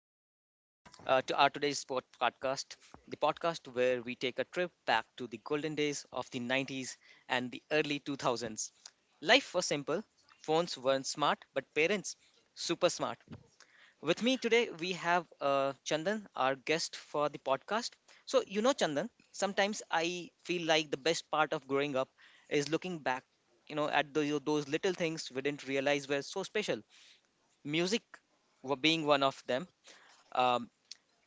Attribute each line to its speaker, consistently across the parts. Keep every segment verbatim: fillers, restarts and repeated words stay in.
Speaker 1: Reloaded, uh, to our today's sport podcast, the podcast where we take a trip back to the golden days of the nineties and the early two thousands. Life was simple, phones weren't smart, but parents, super smart. With me today, we have uh, Chandan, our guest for the podcast. So, you know, Chandan, sometimes I feel like the best part of growing up is looking back, you know, at those, those little things we didn't realize were so special. Music wa- being one of them. Um,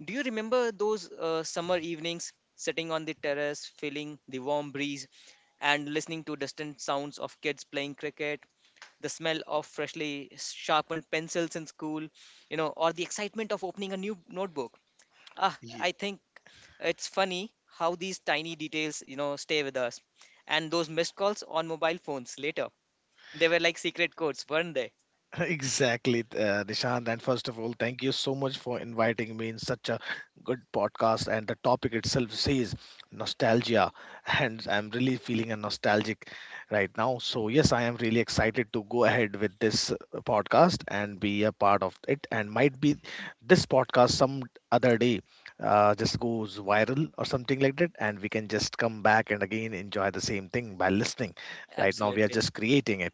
Speaker 1: do you remember those uh, summer evenings sitting on the terrace, feeling the warm breeze, and listening to distant sounds of kids playing cricket, the smell of freshly sharpened pencils in school, you know, or the excitement of opening a new notebook? Ah,
Speaker 2: Ye-
Speaker 1: I think it's funny how these tiny details, you know, stay with us. And those missed calls on mobile phones later, they were like secret codes, weren't they?
Speaker 2: Exactly, uh, Nishant. And first of all, thank you so much for inviting me in such a good podcast. And the topic itself says nostalgia, and I'm really feeling a nostalgic right now. So yes, I am really excited to go ahead with this uh, podcast and be a part of it. And might be this podcast some other day uh, just goes viral or something like that, and we can just come back and again enjoy the same thing by listening. Right now, we are
Speaker 1: Absolutely.
Speaker 2: just creating it.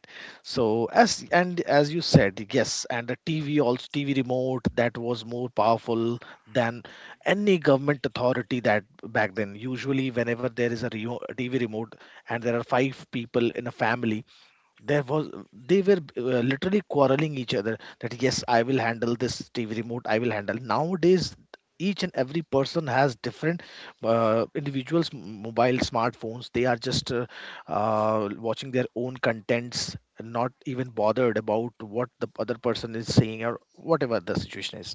Speaker 2: So as and as you said, yes, and the TV also, TV remote, that was more powerful than any government authority. That back then, usually whenever there is a remo- TV remote and there are five people in a family, there was, they were uh, literally quarreling each other that, yes, I will handle this TV remote, I will handle. Nowadays each and every person has different uh, individuals, m- mobile smartphones. They are just uh, uh, watching their own contents and not even bothered about what the other person is saying or whatever the situation is.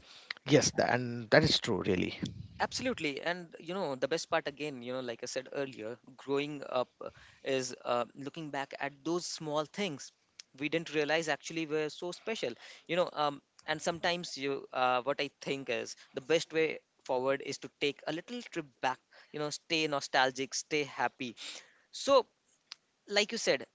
Speaker 2: Yes, tha- and that is true really.
Speaker 1: Absolutely. And you know, the best part again, you know, like I said earlier, growing up uh, is uh, looking back at those small things we didn't realize actually were so special. You know, um, and sometimes you, uh, what I think is the best way forward is to take a little trip back, you know, stay nostalgic, stay happy. So, like you said,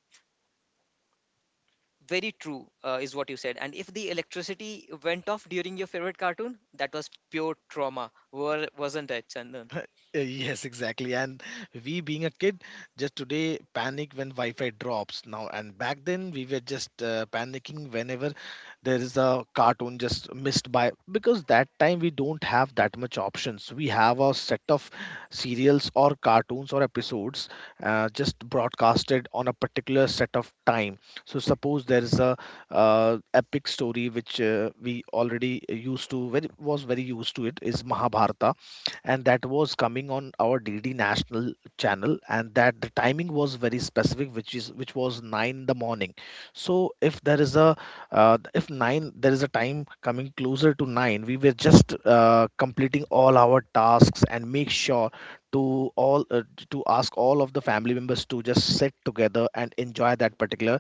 Speaker 1: very true uh, is what you said. And if the electricity went off during your favorite cartoon, that was pure trauma, wa- wasn't it, Chandan?
Speaker 2: Uh, Yes, exactly. And we being a kid, just today panic when Wi-Fi drops now. And back then we were just uh, panicking whenever there is a cartoon just missed by, because that time we don't have that much options. We have a set of serials or cartoons or episodes uh, just broadcasted on a particular set of time. So suppose there is a uh, epic story which uh, we already used to, very was very used to it, is Mahabharata, and that was coming on our D D national channel, and that the timing was very specific, which is, which was nine in the morning. So if there is a uh, if nine there is a time coming closer to nine, we were just uh, completing all our tasks and make sure to all uh, to ask all of the family members to just sit together and enjoy that particular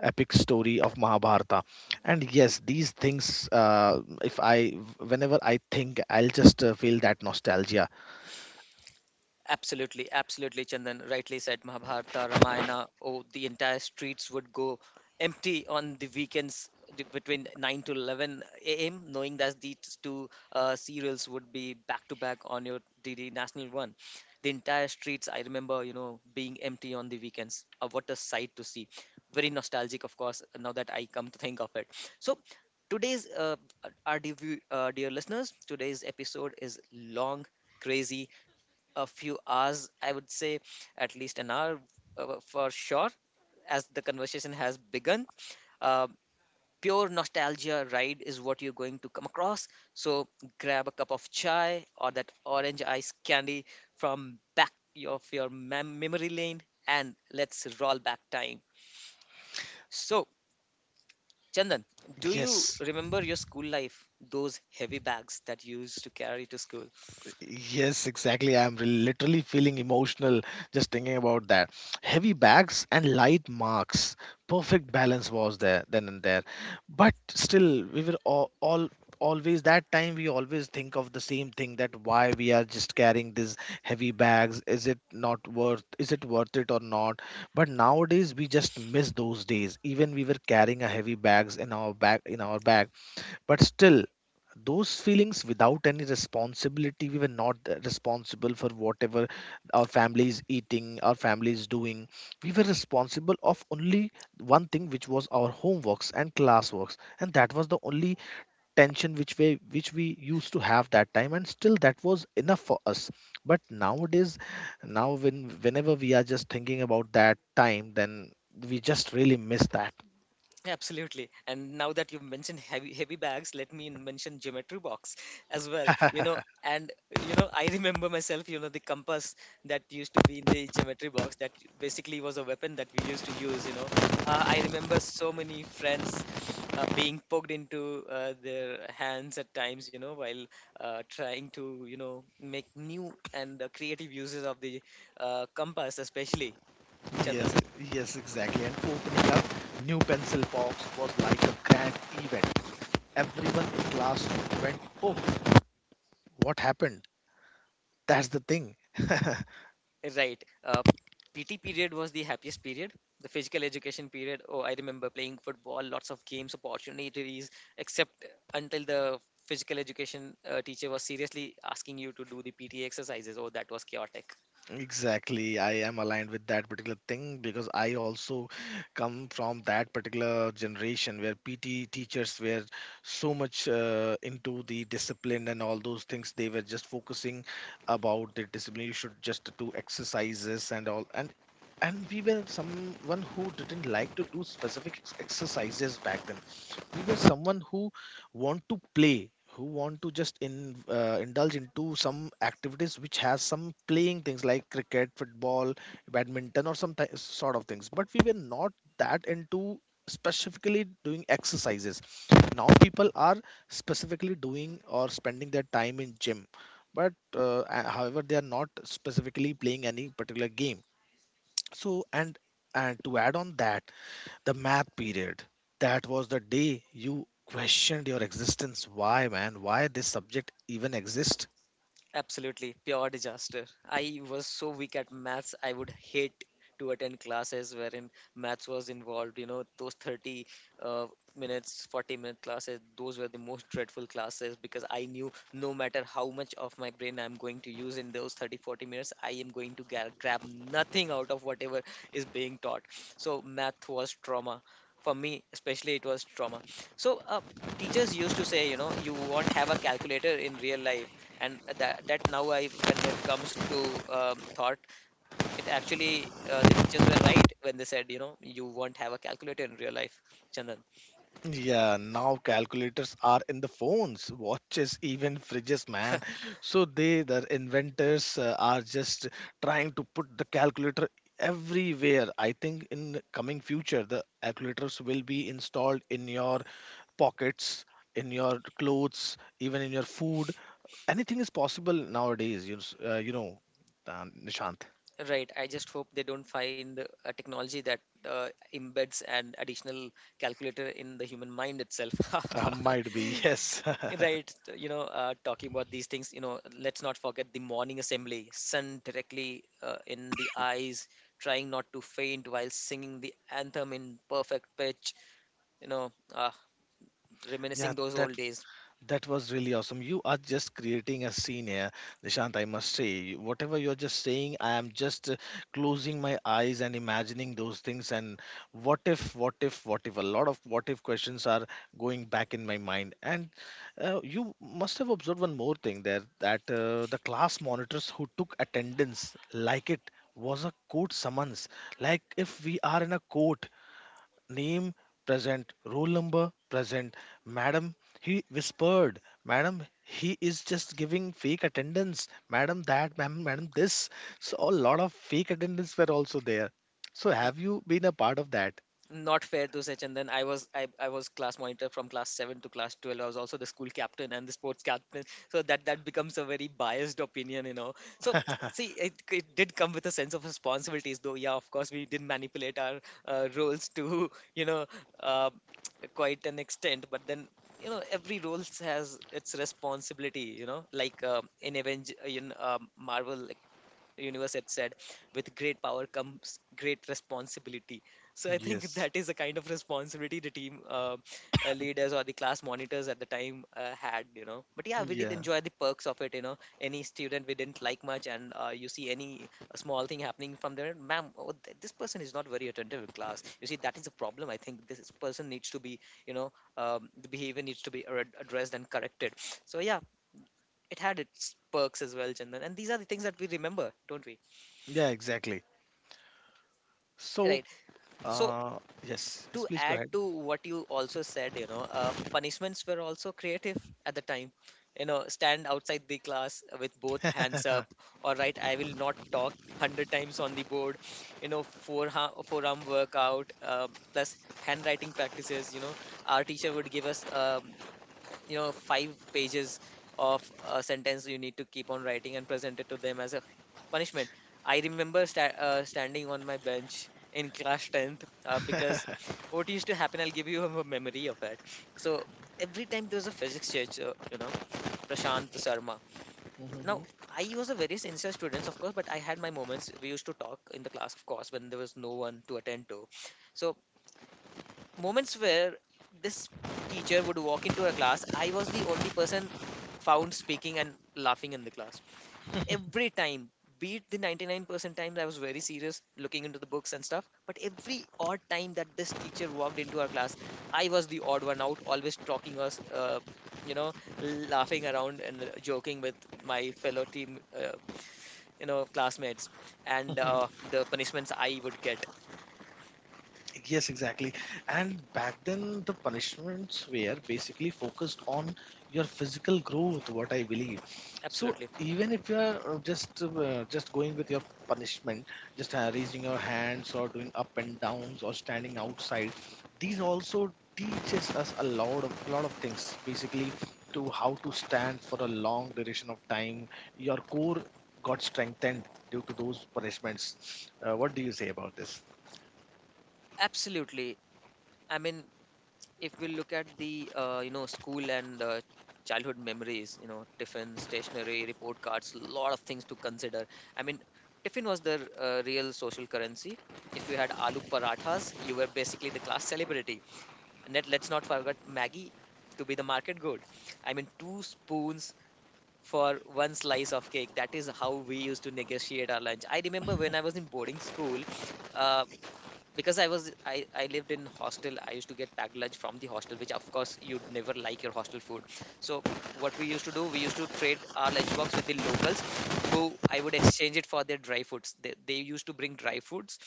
Speaker 2: epic story of Mahabharata. And yes, these things, uh, if I, whenever I think, I'll just uh, feel that nostalgia.
Speaker 1: Absolutely, absolutely, Chandan. Rightly said, Mahabharata, Ramayana. Oh, the entire streets would go empty on the weekends d- between nine to eleven a m, knowing that these two uh, serials would be back to back on your D D national one. The entire streets, I remember, you know, being empty on the weekends. Uh, what a sight to see. Very nostalgic, of course, now that I come to think of it. So, today's, uh, our dear, view- uh, dear listeners, today's episode is long, crazy, a few hours, I would say at least an hour uh, for sure, as the conversation has begun. Uh, Pure nostalgia ride is what you're going to come across. So grab a cup of chai or that orange ice candy from back of your mem- memory lane and let's roll back time. So, Chandan, do you
Speaker 2: Yes,
Speaker 1: remember your school life? Those heavy bags that you used to carry to school?
Speaker 2: yes, exactly. I'm re- literally feeling emotional just thinking about that. Heavy bags and light marks. Perfect balance was there then and there. But still, we were all, all always, that time we always think of the same thing, that why we are just carrying these heavy bags, is it not worth, is it worth it or not, but nowadays we just miss those days, even we were carrying a heavy bags in our bag in our bag but still, those feelings without any responsibility, we were not responsible for whatever our family is eating, our family is doing. We were responsible of only one thing, which was our homeworks and classworks, and that was the only tension which we which we used to have that time. And still, that was enough for us. But nowadays, now when whenever we are just thinking about that time, then we just really miss that.
Speaker 1: Absolutely. And now that you've mentioned heavy heavy bags, let me mention geometry box as well. You know, and you know, I remember myself, you know, the compass that used to be in the geometry box that basically was a weapon that we used to use, you know. Uh, I remember so many friends uh, being poked into uh, their hands at times, you know, while uh, trying to, you know, make new and uh, creative uses of the uh, compass, especially. Chandan.
Speaker 2: Yes, yes, exactly. And opening up new pencil box was like a grand event. Everyone in class went, "Oh, what happened?" That's the thing.
Speaker 1: Right. Uh, P T period was the happiest period. The physical education period. Oh, I remember playing football, lots of games, opportunities, except until the physical education uh, teacher was seriously asking you to do the P T exercises. Oh, that was chaotic.
Speaker 2: Exactly. I am aligned with that particular thing because I also come from that particular generation where P T teachers were so much uh, into the discipline and all those things. They were just focusing about the discipline. You should just do exercises and all. And and we were someone who didn't like to do specific ex- exercises back then. We were someone who who want to play, who want to just in, uh, indulge into some activities which has some playing things like cricket, football, badminton or some th- sort of things, but we were not that into specifically doing exercises. Now people are specifically doing or spending their time in gym, but uh, a- however they are not specifically playing any particular game. So and and to add on that, the math period. That was the day you questioned your existence. Why, man? Why this subject even exist?
Speaker 1: Absolutely, pure disaster. I was so weak at maths, I would hate to attend classes wherein maths was involved. You know, those thirty uh, minutes, forty minute classes, those were the most dreadful classes because I knew no matter how much of my brain I'm going to use in those thirty forty minutes, I am going to gra- grab nothing out of whatever is being taught. So, math was trauma. For me, especially, it was trauma. So, uh, teachers used to say, you know, you won't have a calculator in real life, and that that now, I when it comes to um, thought, it actually, uh, the teachers were right when they said, you know, you won't have a calculator in real life, Chandan.
Speaker 2: Yeah, now calculators are in the phones, watches, even fridges, man. So they, the inventors, uh, are just trying to put the calculator everywhere. I think in coming future, the calculators will be installed in your pockets, in your clothes, even in your food. Anything is possible nowadays, you know, s- uh, you know, um, Nishant.
Speaker 1: Right, I just hope they don't find a technology that uh, embeds an additional calculator in the human mind itself.
Speaker 2: Uh, might be, yes.
Speaker 1: Right, you know, uh, talking about these things, you know, let's not forget the morning assembly, sun directly uh, in the eyes, trying not to faint while singing the anthem in perfect pitch, you know, uh,
Speaker 2: yeah
Speaker 1: reminiscing those
Speaker 2: that
Speaker 1: old days.
Speaker 2: That was really awesome. You are just creating a scene here, Nishant. I must say, whatever you're just saying, I am just uh, closing my eyes and imagining those things. And what if, what if, what if? A lot of what if questions are going back in my mind. And uh, you must have observed one more thing there, that uh, the class monitors who took attendance like it was a court summons, like if we are in a court. Name present, roll number present. Madam, he whispered. Madam, he is just giving fake attendance. Madam, that, madam, madam, this. So a lot of fake attendance were also there. So
Speaker 1: N-
Speaker 2: have you been a part of that?
Speaker 1: Not fair to Sechandan. I was I, I was class monitor from class seven to class twelve. I was also the school captain and the sports captain. So that that becomes a very biased opinion, you know. So see, it, it did come with a sense of responsibilities, though. Yeah, of course, we did manipulate our uh, roles to, you know, uh, quite an extent, but then, you know, every role has its responsibility. You know, like, um in Avenge in um Marvel, like, universe had said, with great power comes great responsibility. So I think
Speaker 2: Yes.
Speaker 1: that is the kind of responsibility the team uh, uh, leaders or the class monitors at the time uh, had, you know. But yeah, we did
Speaker 2: Yeah.
Speaker 1: enjoy the perks of it, you know. Any student we didn't like much, and uh, you see any uh, small thing happening from there, ma'am, oh, th- this person is not very attentive in class. You see, that is a problem. I think this person needs to be, you know, um, the behavior needs to be ar- addressed and corrected. So yeah, it had its perks as well, Chandan. And these are the things that we remember, don't we?
Speaker 2: Yeah, exactly. So,
Speaker 1: Right. So
Speaker 2: uh, yes,
Speaker 1: to
Speaker 2: yes, please go
Speaker 1: add
Speaker 2: ahead.
Speaker 1: to what you also said, you know, uh, punishments were also creative at the time. You know, stand outside the class with both hands up, or right, I will not talk hundred times on the board. You know, forearm forearm workout um, plus handwriting practices. You know, our teacher would give us, um, you know, five pages of a sentence you need to keep on writing and present it to them as a punishment. I remember sta- uh, standing on my bench in class tenth, uh, because what used to happen, I'll give you a memory of it. So every time there was a physics teacher, you know, Prashant Sharma. Now, I was a very sincere student, of course, but I had my moments. We used to talk in the class, of course, when there was no one to attend to. So moments where this teacher would walk into a class, I was the only person found speaking and laughing in the class every time. Be it the ninety-nine percent times I was very serious looking into the books and stuff, but every odd time that this teacher walked into our class, I was the odd one out, always talking us, uh, you know, laughing around and joking with my fellow team, uh, you know, classmates. And
Speaker 2: Mhm.
Speaker 1: uh, the punishments I would get,
Speaker 2: Yes, exactly. And back then, the punishments were basically focused on your physical growth, what I believe. So
Speaker 1: absolutely,
Speaker 2: even if you are uh, just uh, just going with your punishment, just uh, raising your hands or doing up and downs or standing outside, these also teaches us a lot of lot of things. Basically, to how to stand for a long duration of time. Your core got strengthened due to those punishments. Uh, what do you say about this?
Speaker 1: absolutely. I mean, if we look at the, uh, you know, school and uh, childhood memories, you know, tiffin, stationery, report cards, lot of things to consider. I mean, tiffin was the uh, real social currency. If you had aloo parathas, you were basically the class celebrity. And let, let's not forget maggie to be the market gold. I mean, two spoons for one slice of cake. That is how we used to negotiate our lunch. I remember when I was in boarding school, uh, because I was I, I lived in hostel, I used to get packed lunch from the hostel, which of course you'd never like your hostel food. So what we used to do, we used to trade our lunchbox with the locals, who I would exchange it for their dry foods. They, they used to bring dry foods,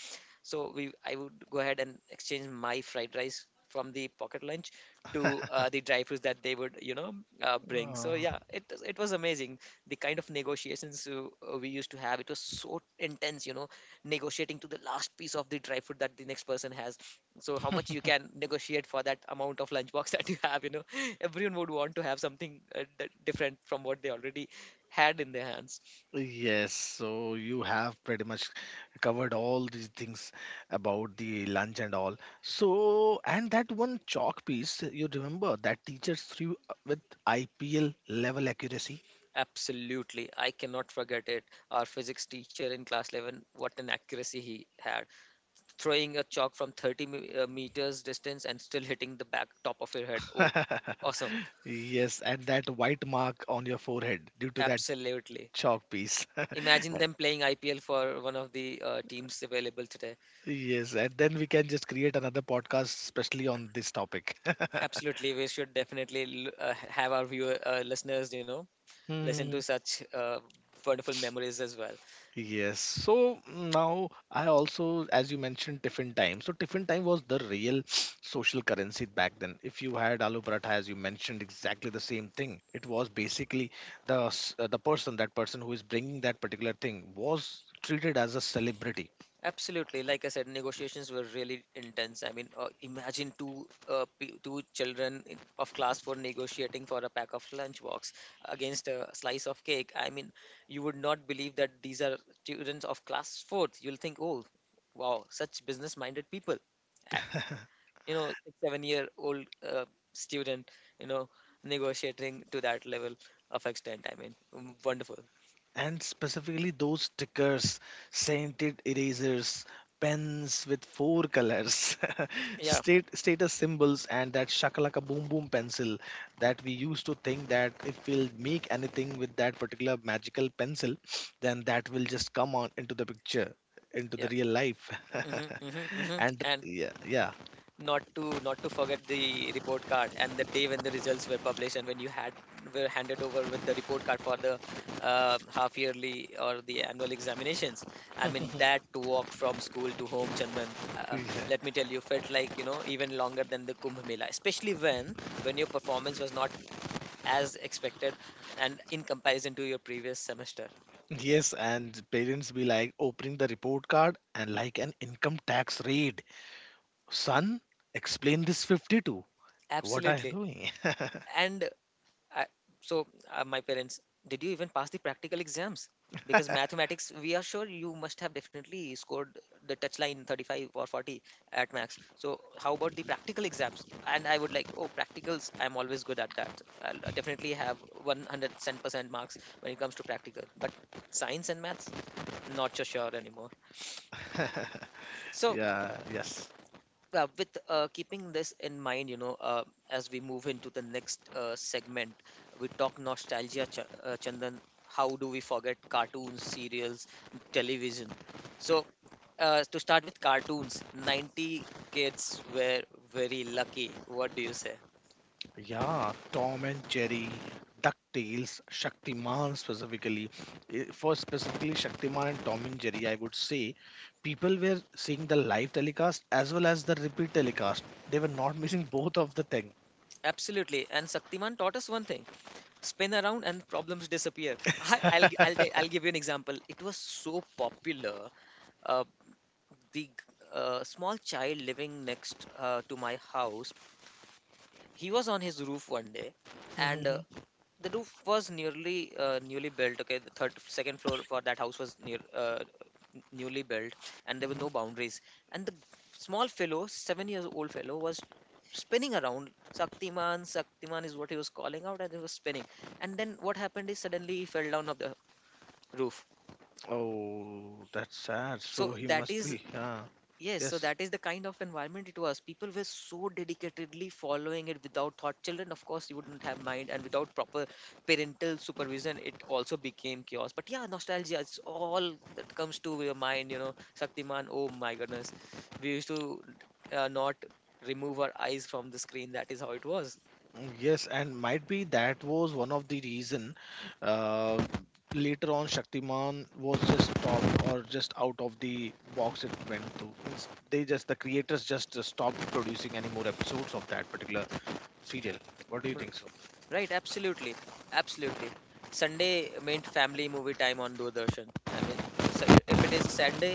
Speaker 1: so we I would go ahead and exchange my fried rice from the pocket lunch to uh, the dry foods that they would, you know, uh, bring. So yeah, it it was amazing, the kind of negotiations uh, uh, we used to have. It was so intense, you know, negotiating to the last piece of the dry food that the next person has. So how much you can negotiate for that amount of lunchbox that you have, you know. Everyone would want to have something uh, that different from what they already had in their hands.
Speaker 2: Yes, so you have pretty much covered all these things about the lunch and all. So, and that one chalk piece, you remember that teacher threw with I P L level accuracy?
Speaker 1: Absolutely, I cannot forget it. Our physics teacher in class eleven, what an accuracy he had, throwing a chalk from thirty me- uh, meters distance and still hitting the back top of your head. Oh, awesome,
Speaker 2: Yes, and that white mark on your forehead due to that
Speaker 1: absolutely.
Speaker 2: chalk piece.
Speaker 1: Imagine
Speaker 2: And-
Speaker 1: them playing I P L for one of the uh, teams available today.
Speaker 2: yes, and then we can just create another podcast, especially on this topic.
Speaker 1: Absolutely, we should definitely l- uh, have our viewer uh, listeners, you know, listen to
Speaker 2: Hmm.
Speaker 1: such uh, wonderful memories as well.
Speaker 2: Yes. So now I also, as you mentioned, tiffin time. So tiffin time was the real social currency back then. If you had aloo paratha, as you mentioned, exactly the same thing. It was basically the s- uh, the person, that person who is bringing that particular thing, was treated as a celebrity.
Speaker 1: Absolutely, like I said, negotiations were really intense. I mean, uh, imagine two uh, p- two children in- of class four negotiating for a pack of lunchbox against a slice of cake. I mean, you would not believe that these are students of class fourth. You'll think, oh, wow, such business-minded people, you know, six seven year old uh, student, you know, negotiating to that level of extent. I mean, mm, wonderful.
Speaker 2: And specifically those stickers, scented erasers, pens with four colors,
Speaker 1: Yeah,
Speaker 2: state status symbols, and that shakalaka boom boom pencil, that we used to think that if we'll make anything with that particular magical pencil, then that will just come on into the picture, into the
Speaker 1: yeah.
Speaker 2: real life.
Speaker 1: Hmm hmm hmm.
Speaker 2: And
Speaker 1: And
Speaker 2: yeah, yeah.
Speaker 1: not to not to forget the report card and the day when the results were published and when you had were handed over with the report card for the uh, half yearly or the annual examinations. I mean, that walk from school to home, Chandan, uh, let me tell you, felt like, you know, even longer than the Kumbh Mela, especially when when your performance was not as expected and in comparison to your previous semester.
Speaker 2: Yes, and parents be like opening the report card and like an income tax raid. Son, explain this fifty-two. What are you
Speaker 1: Absolutely.
Speaker 2: doing?
Speaker 1: And I, so, uh, my parents, did you even pass the practical exams? Because mathematics, we are sure you must have definitely scored the touchline thirty-five or forty at max. So, how about the practical exams? And I would like, oh, practicals, I'm always good at that. I'll definitely have one hundred ten percent marks when it comes to practical. But science and maths, not so sure anymore. So,
Speaker 2: Yeah, yes.
Speaker 1: yeah, with uh, keeping this in mind, you know, uh, as we move into the next uh, segment, we talk nostalgia, Ch- uh, Chandan. How do we forget cartoons, serials, television? So, uh, to start with cartoons, ninety kids were very lucky. What do you say?
Speaker 2: Yeah, Tom and Jerry, DuckTales, Shaktiman specifically. eh, For specifically Shaktiman and Tom and Jerry, I would say people were seeing the live telecast as well as the repeat telecast. They were not missing both of the thing.
Speaker 1: Absolutely. And Saktiman taught us one thing: spin around and problems disappear. I, I'll g- I'll, I I'll give you an example. It was so popular. The uh, small child living next uh, to my house, he was on his roof one day, and uh,
Speaker 2: Mhm,
Speaker 1: the roof was nearly uh, newly built. Okay, the third second floor for that house was near uh, newly built, and there were no
Speaker 2: mhm.
Speaker 1: boundaries. And the small fellow, seven years old fellow, was spinning around. Saktiman, Saktiman is what he was calling out, and he was spinning. And then what happened is suddenly he fell down off the roof.
Speaker 2: Oh, that's sad. So
Speaker 1: So
Speaker 2: he
Speaker 1: that
Speaker 2: must
Speaker 1: is
Speaker 2: be. Yeah.
Speaker 1: Yes, so
Speaker 2: Yes.
Speaker 1: that is the kind of environment it was. People were so dedicatedly following it without thought. Children, of course, you wouldn't have mind, and without proper parental supervision, it also became chaos. But yeah, nostalgia, it's all that comes to your mind, you know. Shaktiman, oh my goodness. We used to uh, not remove our eyes from the screen. That is how it was.
Speaker 2: Mm, yes, and might be that was one of the reason uh, later on Shaktiman was just stopped or just out of the box it went to. Means, they just, the creators just uh, stopped producing any more episodes of that particular serial. What do you
Speaker 1: Mm.
Speaker 2: think so?
Speaker 1: Right, absolutely. Absolutely. Sunday meant family movie time on Doordarshan. I mean, so i- if it is Sunday,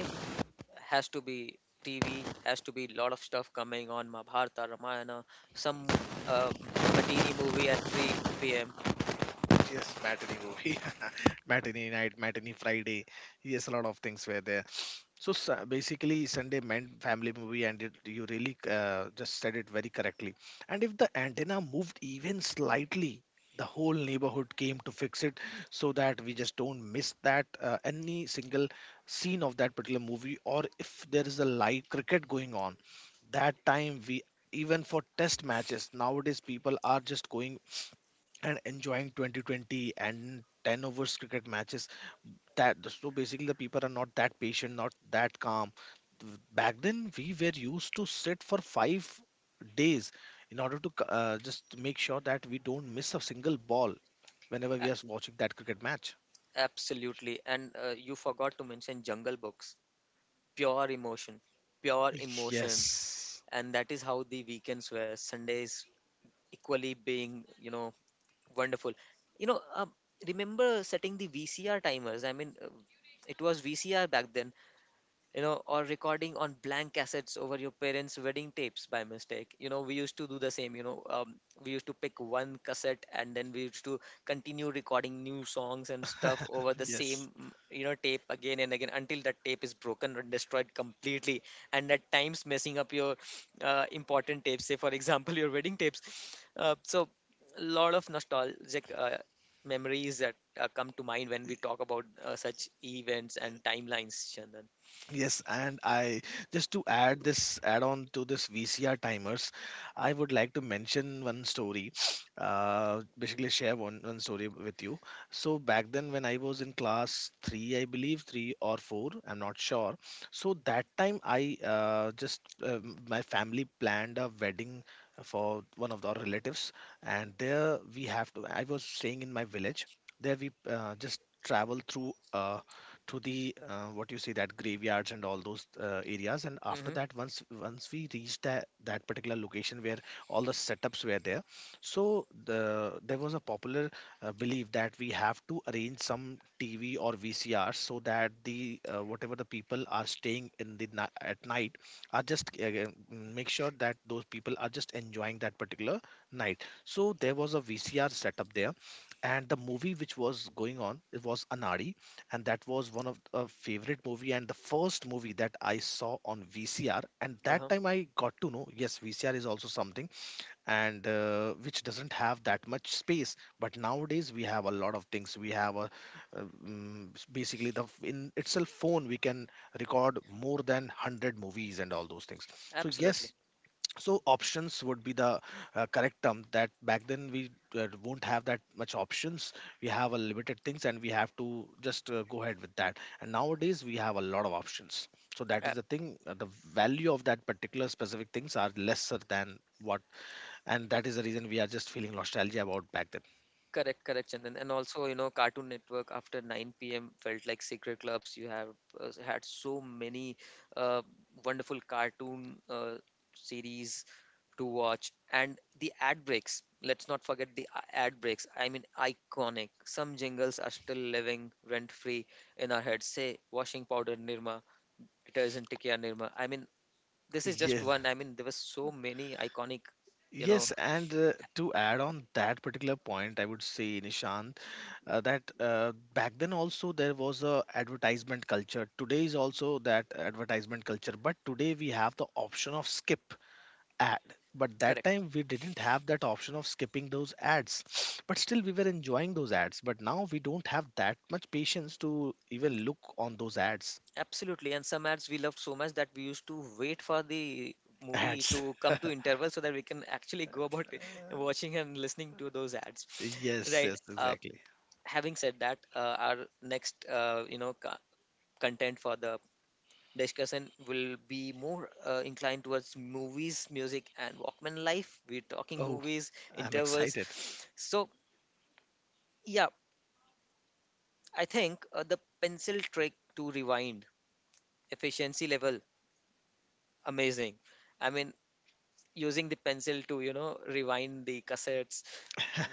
Speaker 1: has to be T V, has to be lot of stuff coming on: Mahabharata, Ramayana, some uh, matini movie at three p m
Speaker 2: Yes, matinee movie, matinee night, matinee Friday. Yes, a lot of things were there. So su- basically, Sunday meant family movie, and it, you really uh, just said it very correctly. And if the antenna moved even slightly, the whole neighborhood came to fix it so that we just don't miss that uh, any single scene of that particular movie, or if there is a live cricket going on. That time we, even for test matches, nowadays people are just going and enjoying twenty twenty and ten overs cricket matches. That, so basically the people are not that patient, not that calm. Back then we were used to sit for five days in order to uh, just make sure that we don't miss a single ball whenever we are watching that cricket match.
Speaker 1: Absolutely. And uh, you forgot to mention Jungle Books, pure emotion, pure emotion.
Speaker 2: Yes.
Speaker 1: And that is how the weekends were, Sundays equally being, you know, wonderful. You know, uh, remember setting the V C R timers? I mean, uh, it was V C R back then, you know, or recording on blank cassettes over your parents' wedding tapes by mistake. You know, we used to do the same. You know, um, we used to pick one cassette and then we used to continue recording new songs and stuff over the
Speaker 2: Yes.
Speaker 1: same, mm, you know, tape again and again until that tape is broken or destroyed completely. And at times messing up your uh, important tapes, say for example, your wedding tapes. Uh, so, a lot of nostalgic uh, memories that uh, come to mind when we talk about uh, such events and timelines, Chandan.
Speaker 2: Yes, and I just to add this add on to this V C R timers, I would like to mention one story, uh, basically share one, one story with you. So back then when I was in class three, I believe three or four, I'm not sure. So that time I uh, just um, my family planned a wedding for one of our relatives, and there we have to. I was staying in my village. There we uh, just travel through. Uh, to the uh, what you say that graveyards and all those uh, areas. And after
Speaker 1: Mm-hmm.
Speaker 2: that, once once we reached that that particular location where all the setups were there, so the there was a popular uh, belief that we have to arrange some tv or vcr so that the uh, whatever the people are staying in the ni- at night are just uh, uh, make sure that those people are just enjoying that particular night. So there was a vcr setup there, and the movie which was going on, it was Anari. And that was one of a favorite movie and the first movie that I saw on V C R. And that
Speaker 1: Uh-huh.
Speaker 2: time I got to know, yes, V C R is also something, and uh, which doesn't have that much space. But nowadays we have a lot of things. We have a uh, mm, s- basically the f- in itself phone we can record more than one hundred movies and all those things. So
Speaker 1: Absolutely.
Speaker 2: yes, so options would be the uh, correct term that back then we uh, won't have that much options. We have a limited things and we have to just uh, go ahead with that, and nowadays we have a lot of options. So that
Speaker 1: Uh,
Speaker 2: is the thing, uh, the value of that particular specific things are lesser than what, and that is the reason we are just feeling nostalgia about back then.
Speaker 1: correct, correct, Chandan. And also, you know, Cartoon Network after nine p m felt like secret clubs. You have uh, had so many uh, wonderful cartoon uh, series to watch. And the ad breaks, let's not forget the a- ad breaks. I mean, iconic. Some jingles are still living rent-free in our heads. Say, washing powder Nirma, detergent Tikya Nirma. I mean, this is just
Speaker 2: Yeah,
Speaker 1: one. I mean, there were so many iconic, you know,
Speaker 2: yes, and uh, to add on that particular point, I would say, Nishant, uh, that uh, back then also there was a advertisement culture, today is also that advertisement culture, but today we have the option of skip ad. But that time we didn't have that option of skipping those ads, but still we were enjoying those ads. But now we don't have that much patience to even look on those ads
Speaker 1: Absolutely, and some ads we loved so much that we used to wait for the movie
Speaker 2: ads.
Speaker 1: to come to interval so that we can actually go about watching and listening to those ads.
Speaker 2: Yes,
Speaker 1: Right.
Speaker 2: yes,
Speaker 1: Uh,
Speaker 2: exactly.
Speaker 1: having said that, uh, our next uh, you know, co- content for the discussion will be more uh, inclined towards movies, music, and Walkman life. We're talking
Speaker 2: Oh,
Speaker 1: movies,
Speaker 2: I'm
Speaker 1: intervals.
Speaker 2: excited.
Speaker 1: So yeah, I think uh, the pencil trick to rewind, efficiency level amazing. I mean, using the pencil to, you know, rewind the cassettes,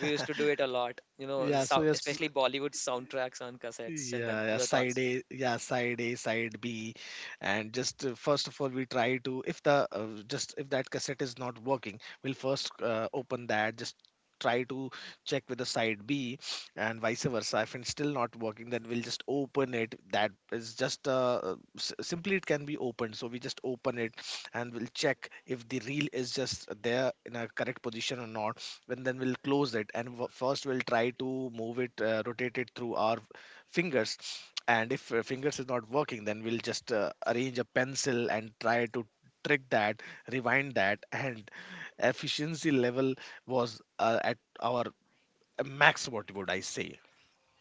Speaker 1: we used to do it a lot, you know, the
Speaker 2: Yeah, so
Speaker 1: sou-
Speaker 2: yes.
Speaker 1: especially Bollywood soundtracks on cassettes and then
Speaker 2: Yeah, yeah,
Speaker 1: your
Speaker 2: side
Speaker 1: thoughts,
Speaker 2: A, yeah, side A, side B, and just uh, first of all, we try to if the uh, just if that cassette is not working, we'll first uh, open that, just try to check with the side B, and vice versa. If it's still not working, then we'll just open it. That is just uh, uh, s- simply it can be opened, so we just open it and we'll check if the reel is just there in a correct position or not. And then we'll close it, and w- first we'll try to move it, uh, rotate it through our fingers. And if uh, fingers is not working, then we'll just uh, arrange a pencil and try to trick that, rewind that. And efficiency level was uh, at our max, what would I say.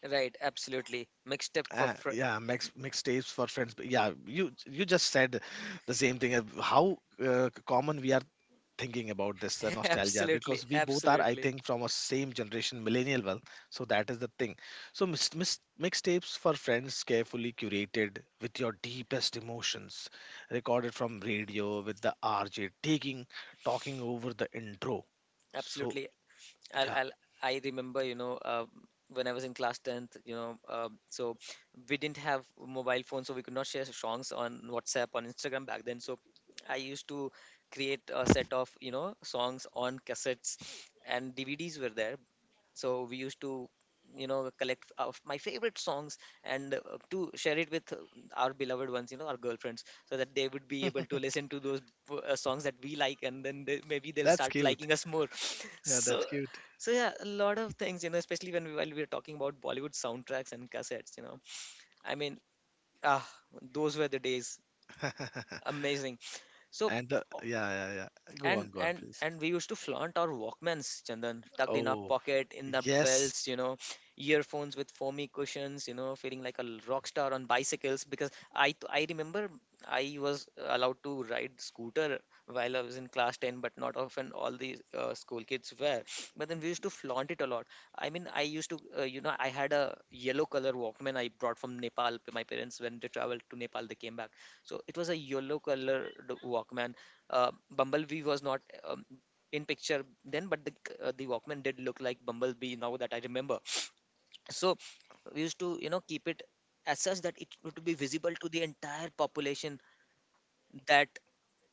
Speaker 1: right, absolutely. Mixtape for
Speaker 2: uh,
Speaker 1: fr-
Speaker 2: Yeah, mix mixed tapes for friends. But yeah, you you just said the same thing. uh, How uh, common we are thinking about this uh, nostalgia,
Speaker 1: absolutely,
Speaker 2: because we both are, I
Speaker 1: absolutely,
Speaker 2: think, from a same generation, millennial well. So that is the thing. So mis- mis- mixtapes for friends, carefully curated with your deepest emotions, recorded from radio with the R J taking talking over the intro. So
Speaker 1: absolutely. i'll
Speaker 2: yeah,
Speaker 1: i'll I remember, you know, uh, when I was in class tenth, you know, uh, so we didn't have mobile phones, so we could not share songs on WhatsApp, on Instagram back then. So I used to create a set of, you know, songs on cassettes, and DVDs were there. So we used to, you know, collect of my favorite songs and uh, to share it with uh, our beloved ones, you know, our girlfriends, so that they would be able to listen to those b- uh, songs that we like, and then they, maybe they'll
Speaker 2: that's
Speaker 1: start
Speaker 2: cute.
Speaker 1: liking us more.
Speaker 2: Yeah,
Speaker 1: so,
Speaker 2: that's cute.
Speaker 1: so yeah, a lot of things, you know, especially when we, while we were talking about Bollywood soundtracks and cassettes, you know, I mean, ah, those were the days, amazing. So,
Speaker 2: And the, yeah, yeah, yeah. Go
Speaker 1: and
Speaker 2: on, go on,
Speaker 1: and
Speaker 2: please.
Speaker 1: and we used to flaunt our Walkmans, Chandan, tucked in our
Speaker 2: Oh,
Speaker 1: pocket, in the
Speaker 2: yes.
Speaker 1: belts, you know, earphones with foamy cushions, you know, feeling like a l- rock star on bicycles. Because i th- I remember I was allowed to ride scooter while I was in class ten, but not often all the uh, school kids were. But then we used to flaunt it a lot. I mean, I used to, uh, you know, I had a yellow color Walkman. I brought from Nepal, my parents, when they traveled to Nepal, they came back. So it was a yellow colored Walkman. Uh, Bumblebee was not, um, in picture then, but the uh, the Walkman did look like Bumblebee, now that I remember. So we used to, you know, keep it as such that it would be visible to the entire population, that,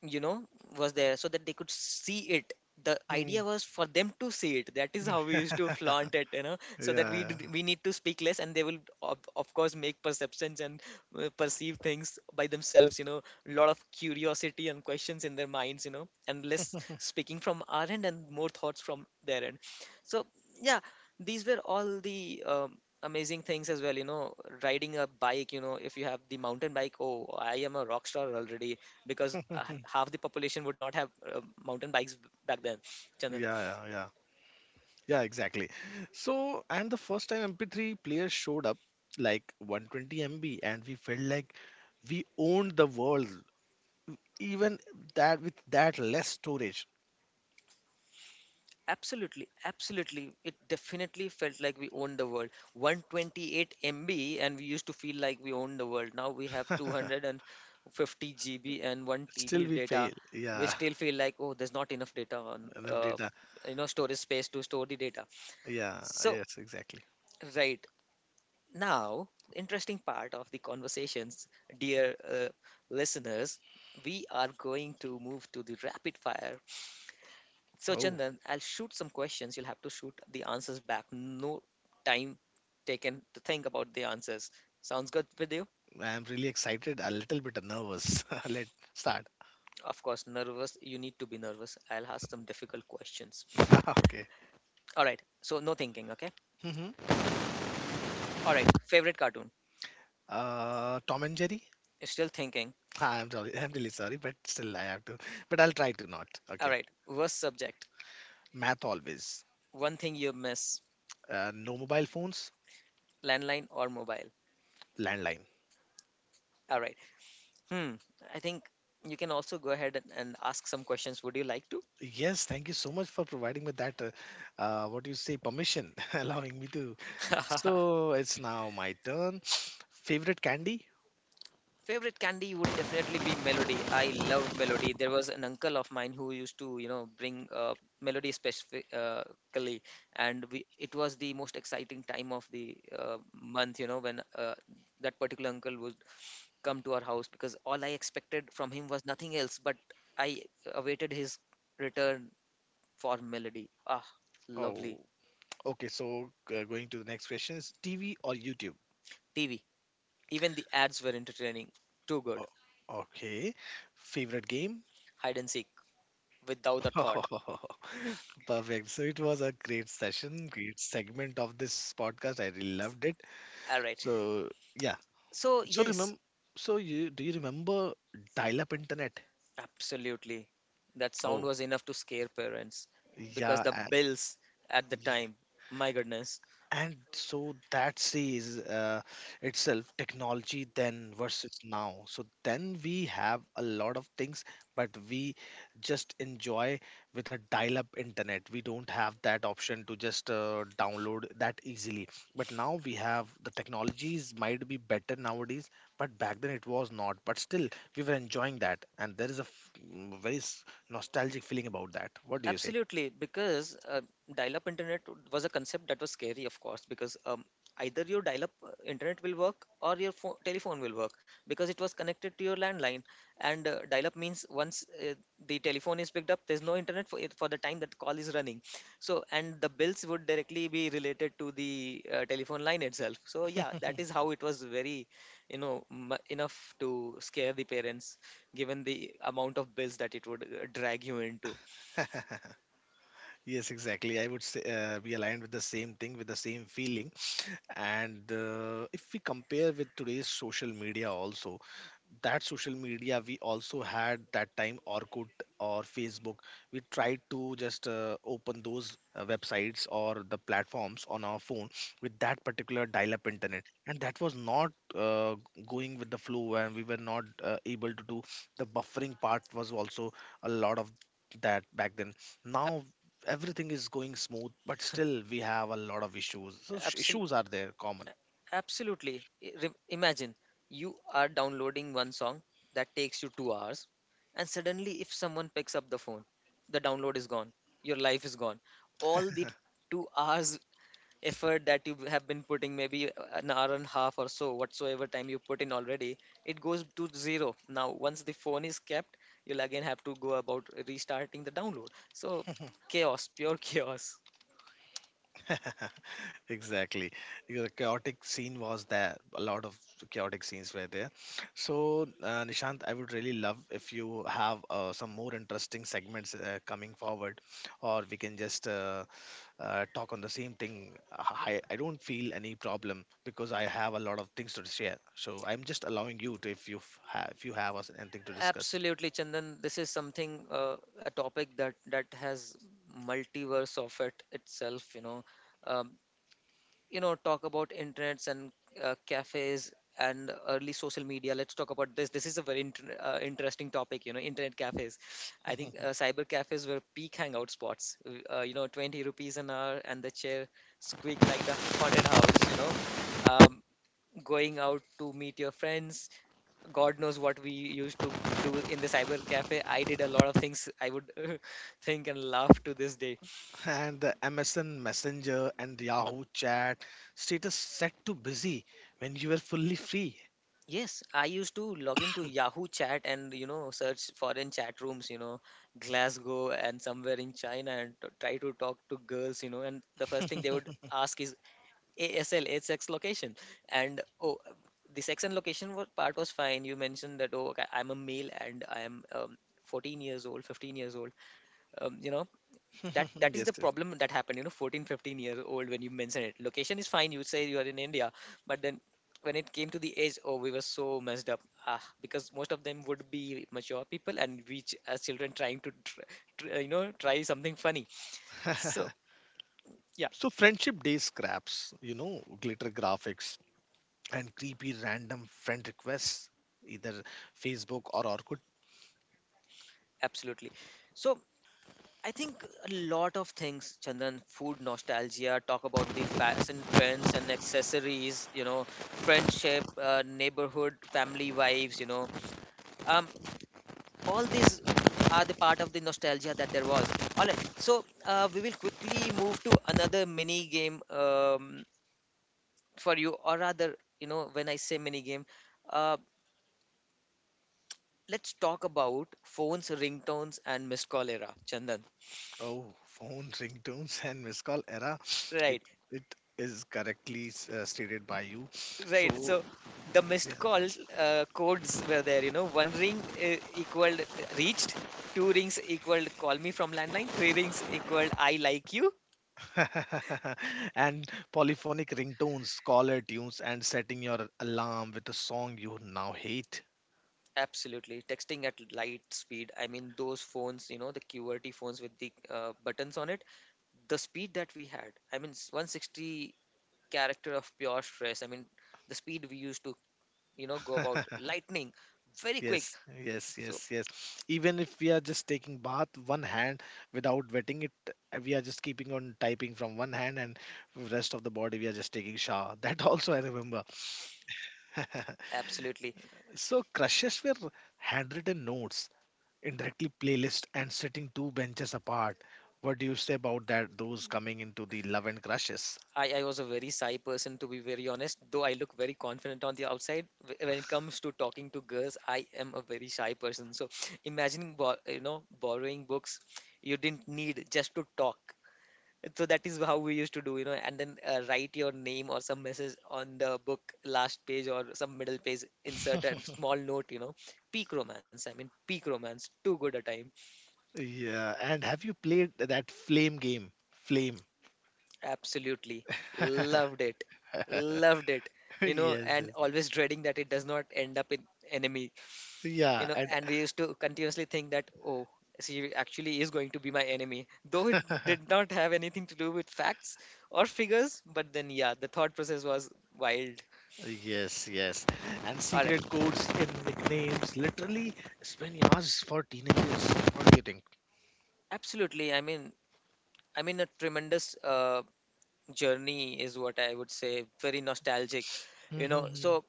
Speaker 1: you know, was there, so that they could see it. The
Speaker 2: Hmm.
Speaker 1: idea was for them to see it. That is how we used to flaunt it, you know, so that we
Speaker 2: Yeah,
Speaker 1: d- we need to speak less and they will, of, of course, make perceptions and uh, perceive things by themselves, you know, a lot of curiosity and questions in their minds, you know, and less speaking from our end and more thoughts from their end. So yeah, these were all the um, amazing things as well, you know, riding a bike. You know, if you have the mountain bike, oh, I am a rock star already, because
Speaker 2: yeah.
Speaker 1: uh, half the population would not have uh, mountain bikes b- back then,
Speaker 2: Yeah,
Speaker 1: Chandan.
Speaker 2: yeah, yeah. Yeah, exactly. So, and the first time M P three players showed up, like one hundred twenty M B, and we felt like we owned the world, even that with that less storage.
Speaker 1: Absolutely, absolutely. It definitely felt like we owned the world. one twenty-eight m b, and we used to feel like we owned the world. Now we have two hundred fifty g b and 1
Speaker 2: Still,
Speaker 1: tb
Speaker 2: we
Speaker 1: data,
Speaker 2: fail.
Speaker 1: we
Speaker 2: Yeah,
Speaker 1: still feel like, oh, there's not enough data on,
Speaker 2: enough
Speaker 1: uh,
Speaker 2: data.
Speaker 1: you know, storage space to store the data.
Speaker 2: Yeah,
Speaker 1: So,
Speaker 2: yes, exactly.
Speaker 1: right. Now, the interesting part of the conversations, dear uh, listeners, we are going to move to the rapid fire. So,
Speaker 2: Oh,
Speaker 1: Chandan, I'll shoot some questions. You'll have to shoot the answers back. No time taken to think about the answers. Sounds good with you?
Speaker 2: I'm really excited, a little bit nervous. Let's start.
Speaker 1: Of course, nervous. You need to be nervous. I'll ask some difficult questions.
Speaker 2: Okay.
Speaker 1: All right. So, no thinking, okay?
Speaker 2: Mm-hmm.
Speaker 1: All right. Favorite cartoon?
Speaker 2: Uh, Tom and Jerry?
Speaker 1: You're still thinking.
Speaker 2: I'm sorry. I'm really sorry, but still I have to. But I'll try to not.
Speaker 1: All
Speaker 2: Okay.
Speaker 1: right. Worst subject?
Speaker 2: Math always.
Speaker 1: One thing you miss,
Speaker 2: Uh, no mobile phones,
Speaker 1: landline or mobile?
Speaker 2: landline.
Speaker 1: All right. Hmm. I think you can also go ahead and, and ask some questions. Would you like to?
Speaker 2: Yes, thank you so much for providing me that. Uh, uh, what do you say? Permission, allowing me to. So it's now my turn. Favorite candy?
Speaker 1: Favorite candy would definitely be Melody. I loved Melody. There was an uncle of mine who used to, you know, bring uh, Melody specifically, and we it was the most exciting time of the uh, month. You know, when uh, that particular uncle would come to our house, because all I expected from him was nothing else. But I awaited his return for Melody. Ah,
Speaker 2: Oh,
Speaker 1: lovely.
Speaker 2: okay. So uh, going to the next question is T V or YouTube?
Speaker 1: T V. Even the ads were entertaining. Too
Speaker 2: Oh,
Speaker 1: good.
Speaker 2: okay. Favorite game?
Speaker 1: Hide and seek without a thought.
Speaker 2: Perfect. So it was a great session, great segment of this podcast. I really loved it.
Speaker 1: All right.
Speaker 2: So yeah.
Speaker 1: So,
Speaker 2: So
Speaker 1: yes,
Speaker 2: remember. So you do you remember dial-up internet?
Speaker 1: absolutely. That sound
Speaker 2: Oh
Speaker 1: was enough to scare parents because
Speaker 2: yeah,
Speaker 1: the
Speaker 2: and
Speaker 1: bills at the
Speaker 2: yeah.
Speaker 1: time, my goodness.
Speaker 2: And so that says uh, itself technology then versus now. So then we have a lot of things, but we just enjoy with a dial up internet. We don't have that option to just uh, download that easily. But now we have the technologies might be better nowadays, but back then it was not. But still, we were enjoying that. And there is a f- very s- nostalgic feeling about that. What do you say?
Speaker 1: Absolutely, because uh, dial-up internet was a concept that was scary, of course, because um, either your dial-up uh, internet will work or your pho- telephone will work, because it was connected to your landline. And uh, dial-up means once uh, the telephone is picked up, there's no internet for it for the time that call is running. So, and the bills would directly be related to the uh, telephone line itself. So, yeah, that is how it was very, you know, m- enough to scare the parents, given the amount of bills that it would uh, drag you into.
Speaker 2: Yes, exactly. I would say uh, we aligned with the same thing, with the same feeling. And uh, if we compare with today's social media, also that social media we also had that time Orkut or Facebook. We tried to just uh, open those uh, websites or the platforms on our phone with that particular dial-up internet, and that was not uh, going with the flow, and we were not uh, able to do the buffering part was also a lot of that back then. Now everything is going smooth, but still we have a lot of issues. So sh-
Speaker 1: Absol-
Speaker 2: issues are there common.
Speaker 1: absolutely. I- re- Imagine you are downloading one song that takes you two hours, and suddenly, if someone picks up the phone, the download is gone. Your life is gone. All the two hours effort that you have been putting, maybe an hour and a half or so, whatsoever time you put in already, it goes to zero. Now, once the phone is kept, you'll again have to go about restarting the download. So, chaos, pure chaos.
Speaker 2: Exactly. Because the chaotic scene was there. A lot of chaotic scenes were there. So uh, Nishant, I would really love if you have uh, some more interesting segments uh, coming forward, or we can just uh, uh, talk on the same thing. I, I don't feel any problem because I have a lot of things to share. So I'm just allowing you to if you f- ha- if you have us anything to discuss.
Speaker 1: Absolutely, Chandan. This is something uh, a topic that that has multiverse of it itself. You know, um, you know, Talk about internets and uh, cafes and early social media. Let's talk about this. This is a very inter- uh, interesting topic. You know, internet cafes. I think uh, cyber cafes were peak hangout spots. Uh, you know, twenty rupees an hour and the chair squeak like the haunted house. You know, um, Going out to meet your friends, God knows what we used to do in the cyber cafe. I did a lot of things I would think and laugh to this day.
Speaker 2: And the M S N Messenger and Yahoo chat status set to busy when you were fully free.
Speaker 1: Yes, I used to log into Yahoo chat and, you know, search foreign chat rooms, you know, Glasgow and somewhere in China and t- try to talk to girls, you know, and the first thing they would ask is A S L, age, sex, location. And oh, the sex and location was, part was fine. You mentioned that, oh, okay, I'm a male and I am um, fourteen years old, fifteen years old. Um, you know, that that is
Speaker 2: Yes,
Speaker 1: the
Speaker 2: yes.
Speaker 1: problem that happened, you know, fourteen, fifteen year old. When you mention it, location is fine, you say you are in India. But then when it came to the age, oh, we were so messed up, ah, because most of them would be mature people and we ch- as children trying to tr- tr- you know, try something funny. So yeah.
Speaker 2: So friendship day scraps, you know, glitter graphics and creepy random friend requests, either Facebook or Orkut.
Speaker 1: Absolutely. So I think a lot of things, Chandan. Food nostalgia, talk about the fashion trends and accessories, you know, friendship, uh, neighborhood, family vibes, you know. um all these are the part of the nostalgia that there was. All right. So uh, we will quickly move to another mini game, um, for you. Or rather, you know, when I say mini game, uh, let's talk about phones, ringtones and missed call era, Chandan.
Speaker 2: Oh, phone ringtones and missed call era. It
Speaker 1: Right.
Speaker 2: it is correctly uh, stated by you.
Speaker 1: right
Speaker 2: So
Speaker 1: so the missed call uh, codes were there, you know, one ring uh, equaled uh, reached, two rings equaled call me from landline, three rings equaled I like you.
Speaker 2: and polyphonic ringtones, caller tunes, and setting your alarm with a song you now hate.
Speaker 1: Absolutely. Texting at light speed. I mean, those phones, you know, the Q R T phones with the uh, buttons on it, the speed that we had. I mean, s- one sixty character of pure stress. I mean, the speed we used to, you know, go about lightning, very quick.
Speaker 2: Yes, yes,
Speaker 1: So,
Speaker 2: yes, yes. Even if we are just taking bath one hand without wetting it, uh, we are just keeping on typing from one hand, and rest of the body we are just taking shower. That also I remember.
Speaker 1: absolutely.
Speaker 2: So crushes were handwritten notes, indirectly playlist, and sitting two benches apart. What do you say about that? Those coming into the love and crushes.
Speaker 1: I, I was a very shy person, to be very honest, though I look very confident on the outside. Wh- When it comes to talking to girls, I am a very shy person. So, imagining, bor you know, borrowing books you didn't need just to talk. So that is how we used to do, you know, and then uh, write your name or some message on the book last page or some middle page, insert a small note, you know. Peak romance, I mean, peak romance, too good a time.
Speaker 2: Yeah, and have you played that flame game? Flame.
Speaker 1: Absolutely. Loved it. Loved it. You know,
Speaker 2: Yes,
Speaker 1: and
Speaker 2: yes.
Speaker 1: always dreading that it does not end up in enemy, you
Speaker 2: Yeah,
Speaker 1: know,
Speaker 2: and
Speaker 1: and we used to continuously think that, oh, she actually is going to be my enemy, though it did not have anything to do with facts or figures, but then yeah, the thought process was wild.
Speaker 2: yes, yes. And
Speaker 1: All right.
Speaker 2: secret codes and nicknames literally spend hours for teenagers. What do you think?
Speaker 1: Absolutely. I mean, I mean, a tremendous uh, journey is what I would say. Very nostalgic, you know.
Speaker 2: Mm-hmm.
Speaker 1: So,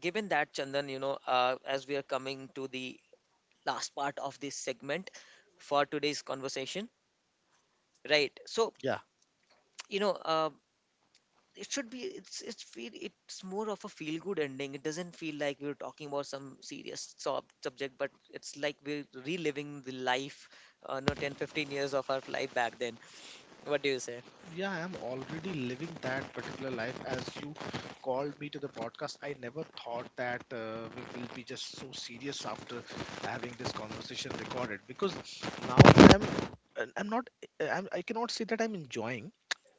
Speaker 1: given that, Chandan, you know, uh, as we are coming to the last part of this segment for today's conversation, right? So,
Speaker 2: Yeah.
Speaker 1: you know, uh, it should be. It's it's feel. It's more of a feel good ending. It doesn't feel like we're talking about some serious sub subject, but it's like we're reliving the life, uh, no, ten, fifteen years of our life back then. What do you say?
Speaker 2: Yeah, I'm already living that particular life. As you called me to the podcast, I never thought that uh, we will be just so serious after having this conversation recorded. Because now I'm, I'm not, I'm, I cannot say that I'm enjoying.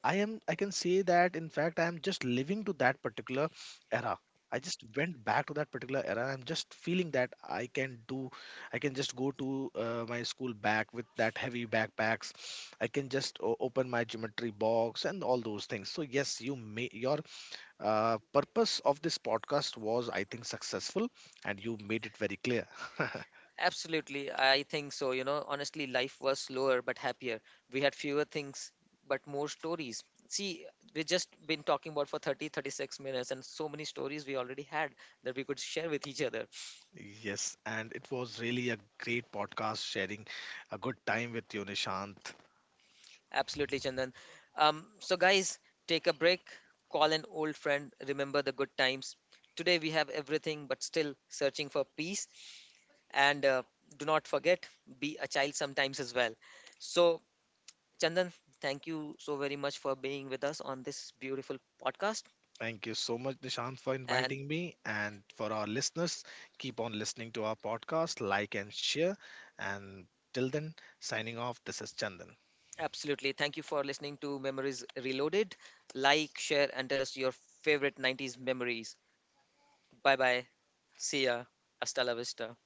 Speaker 2: I am I can say that in fact I am just living to that particular era. I just went back to that particular era. I'm just feeling that I can do, I can just go to uh, my school back with that heavy backpacks. I can just o- open my geometry box and all those things. So yes, you may your uh, purpose of this podcast was I think successful, and you made it very clear.
Speaker 1: Absolutely, I think so. You know, honestly, life was slower but happier. We had fewer things but more stories. See, we've just been talking about for thirty, thirty-six minutes, and so many stories we already had that we could share with each other.
Speaker 2: Yes, and it was really a great podcast sharing a good time with you, Nishant.
Speaker 1: Absolutely, Chandan. Um, so, guys, take a break, call an old friend, remember the good times. Today, we have everything but still searching for peace. And uh, do not forget, be a child sometimes as well. So, Chandan, thank you so very much for being with us on this beautiful podcast.
Speaker 2: Thank you so much, Nishant, for
Speaker 1: And
Speaker 2: inviting me. And for our listeners, keep on listening to our podcast, like and share. And till then, signing off, this is Chandan.
Speaker 1: absolutely, thank you for listening to Memories Reloaded. Like, share, and tell us your favorite nineties memories. Bye bye. See ya. Hasta la vista.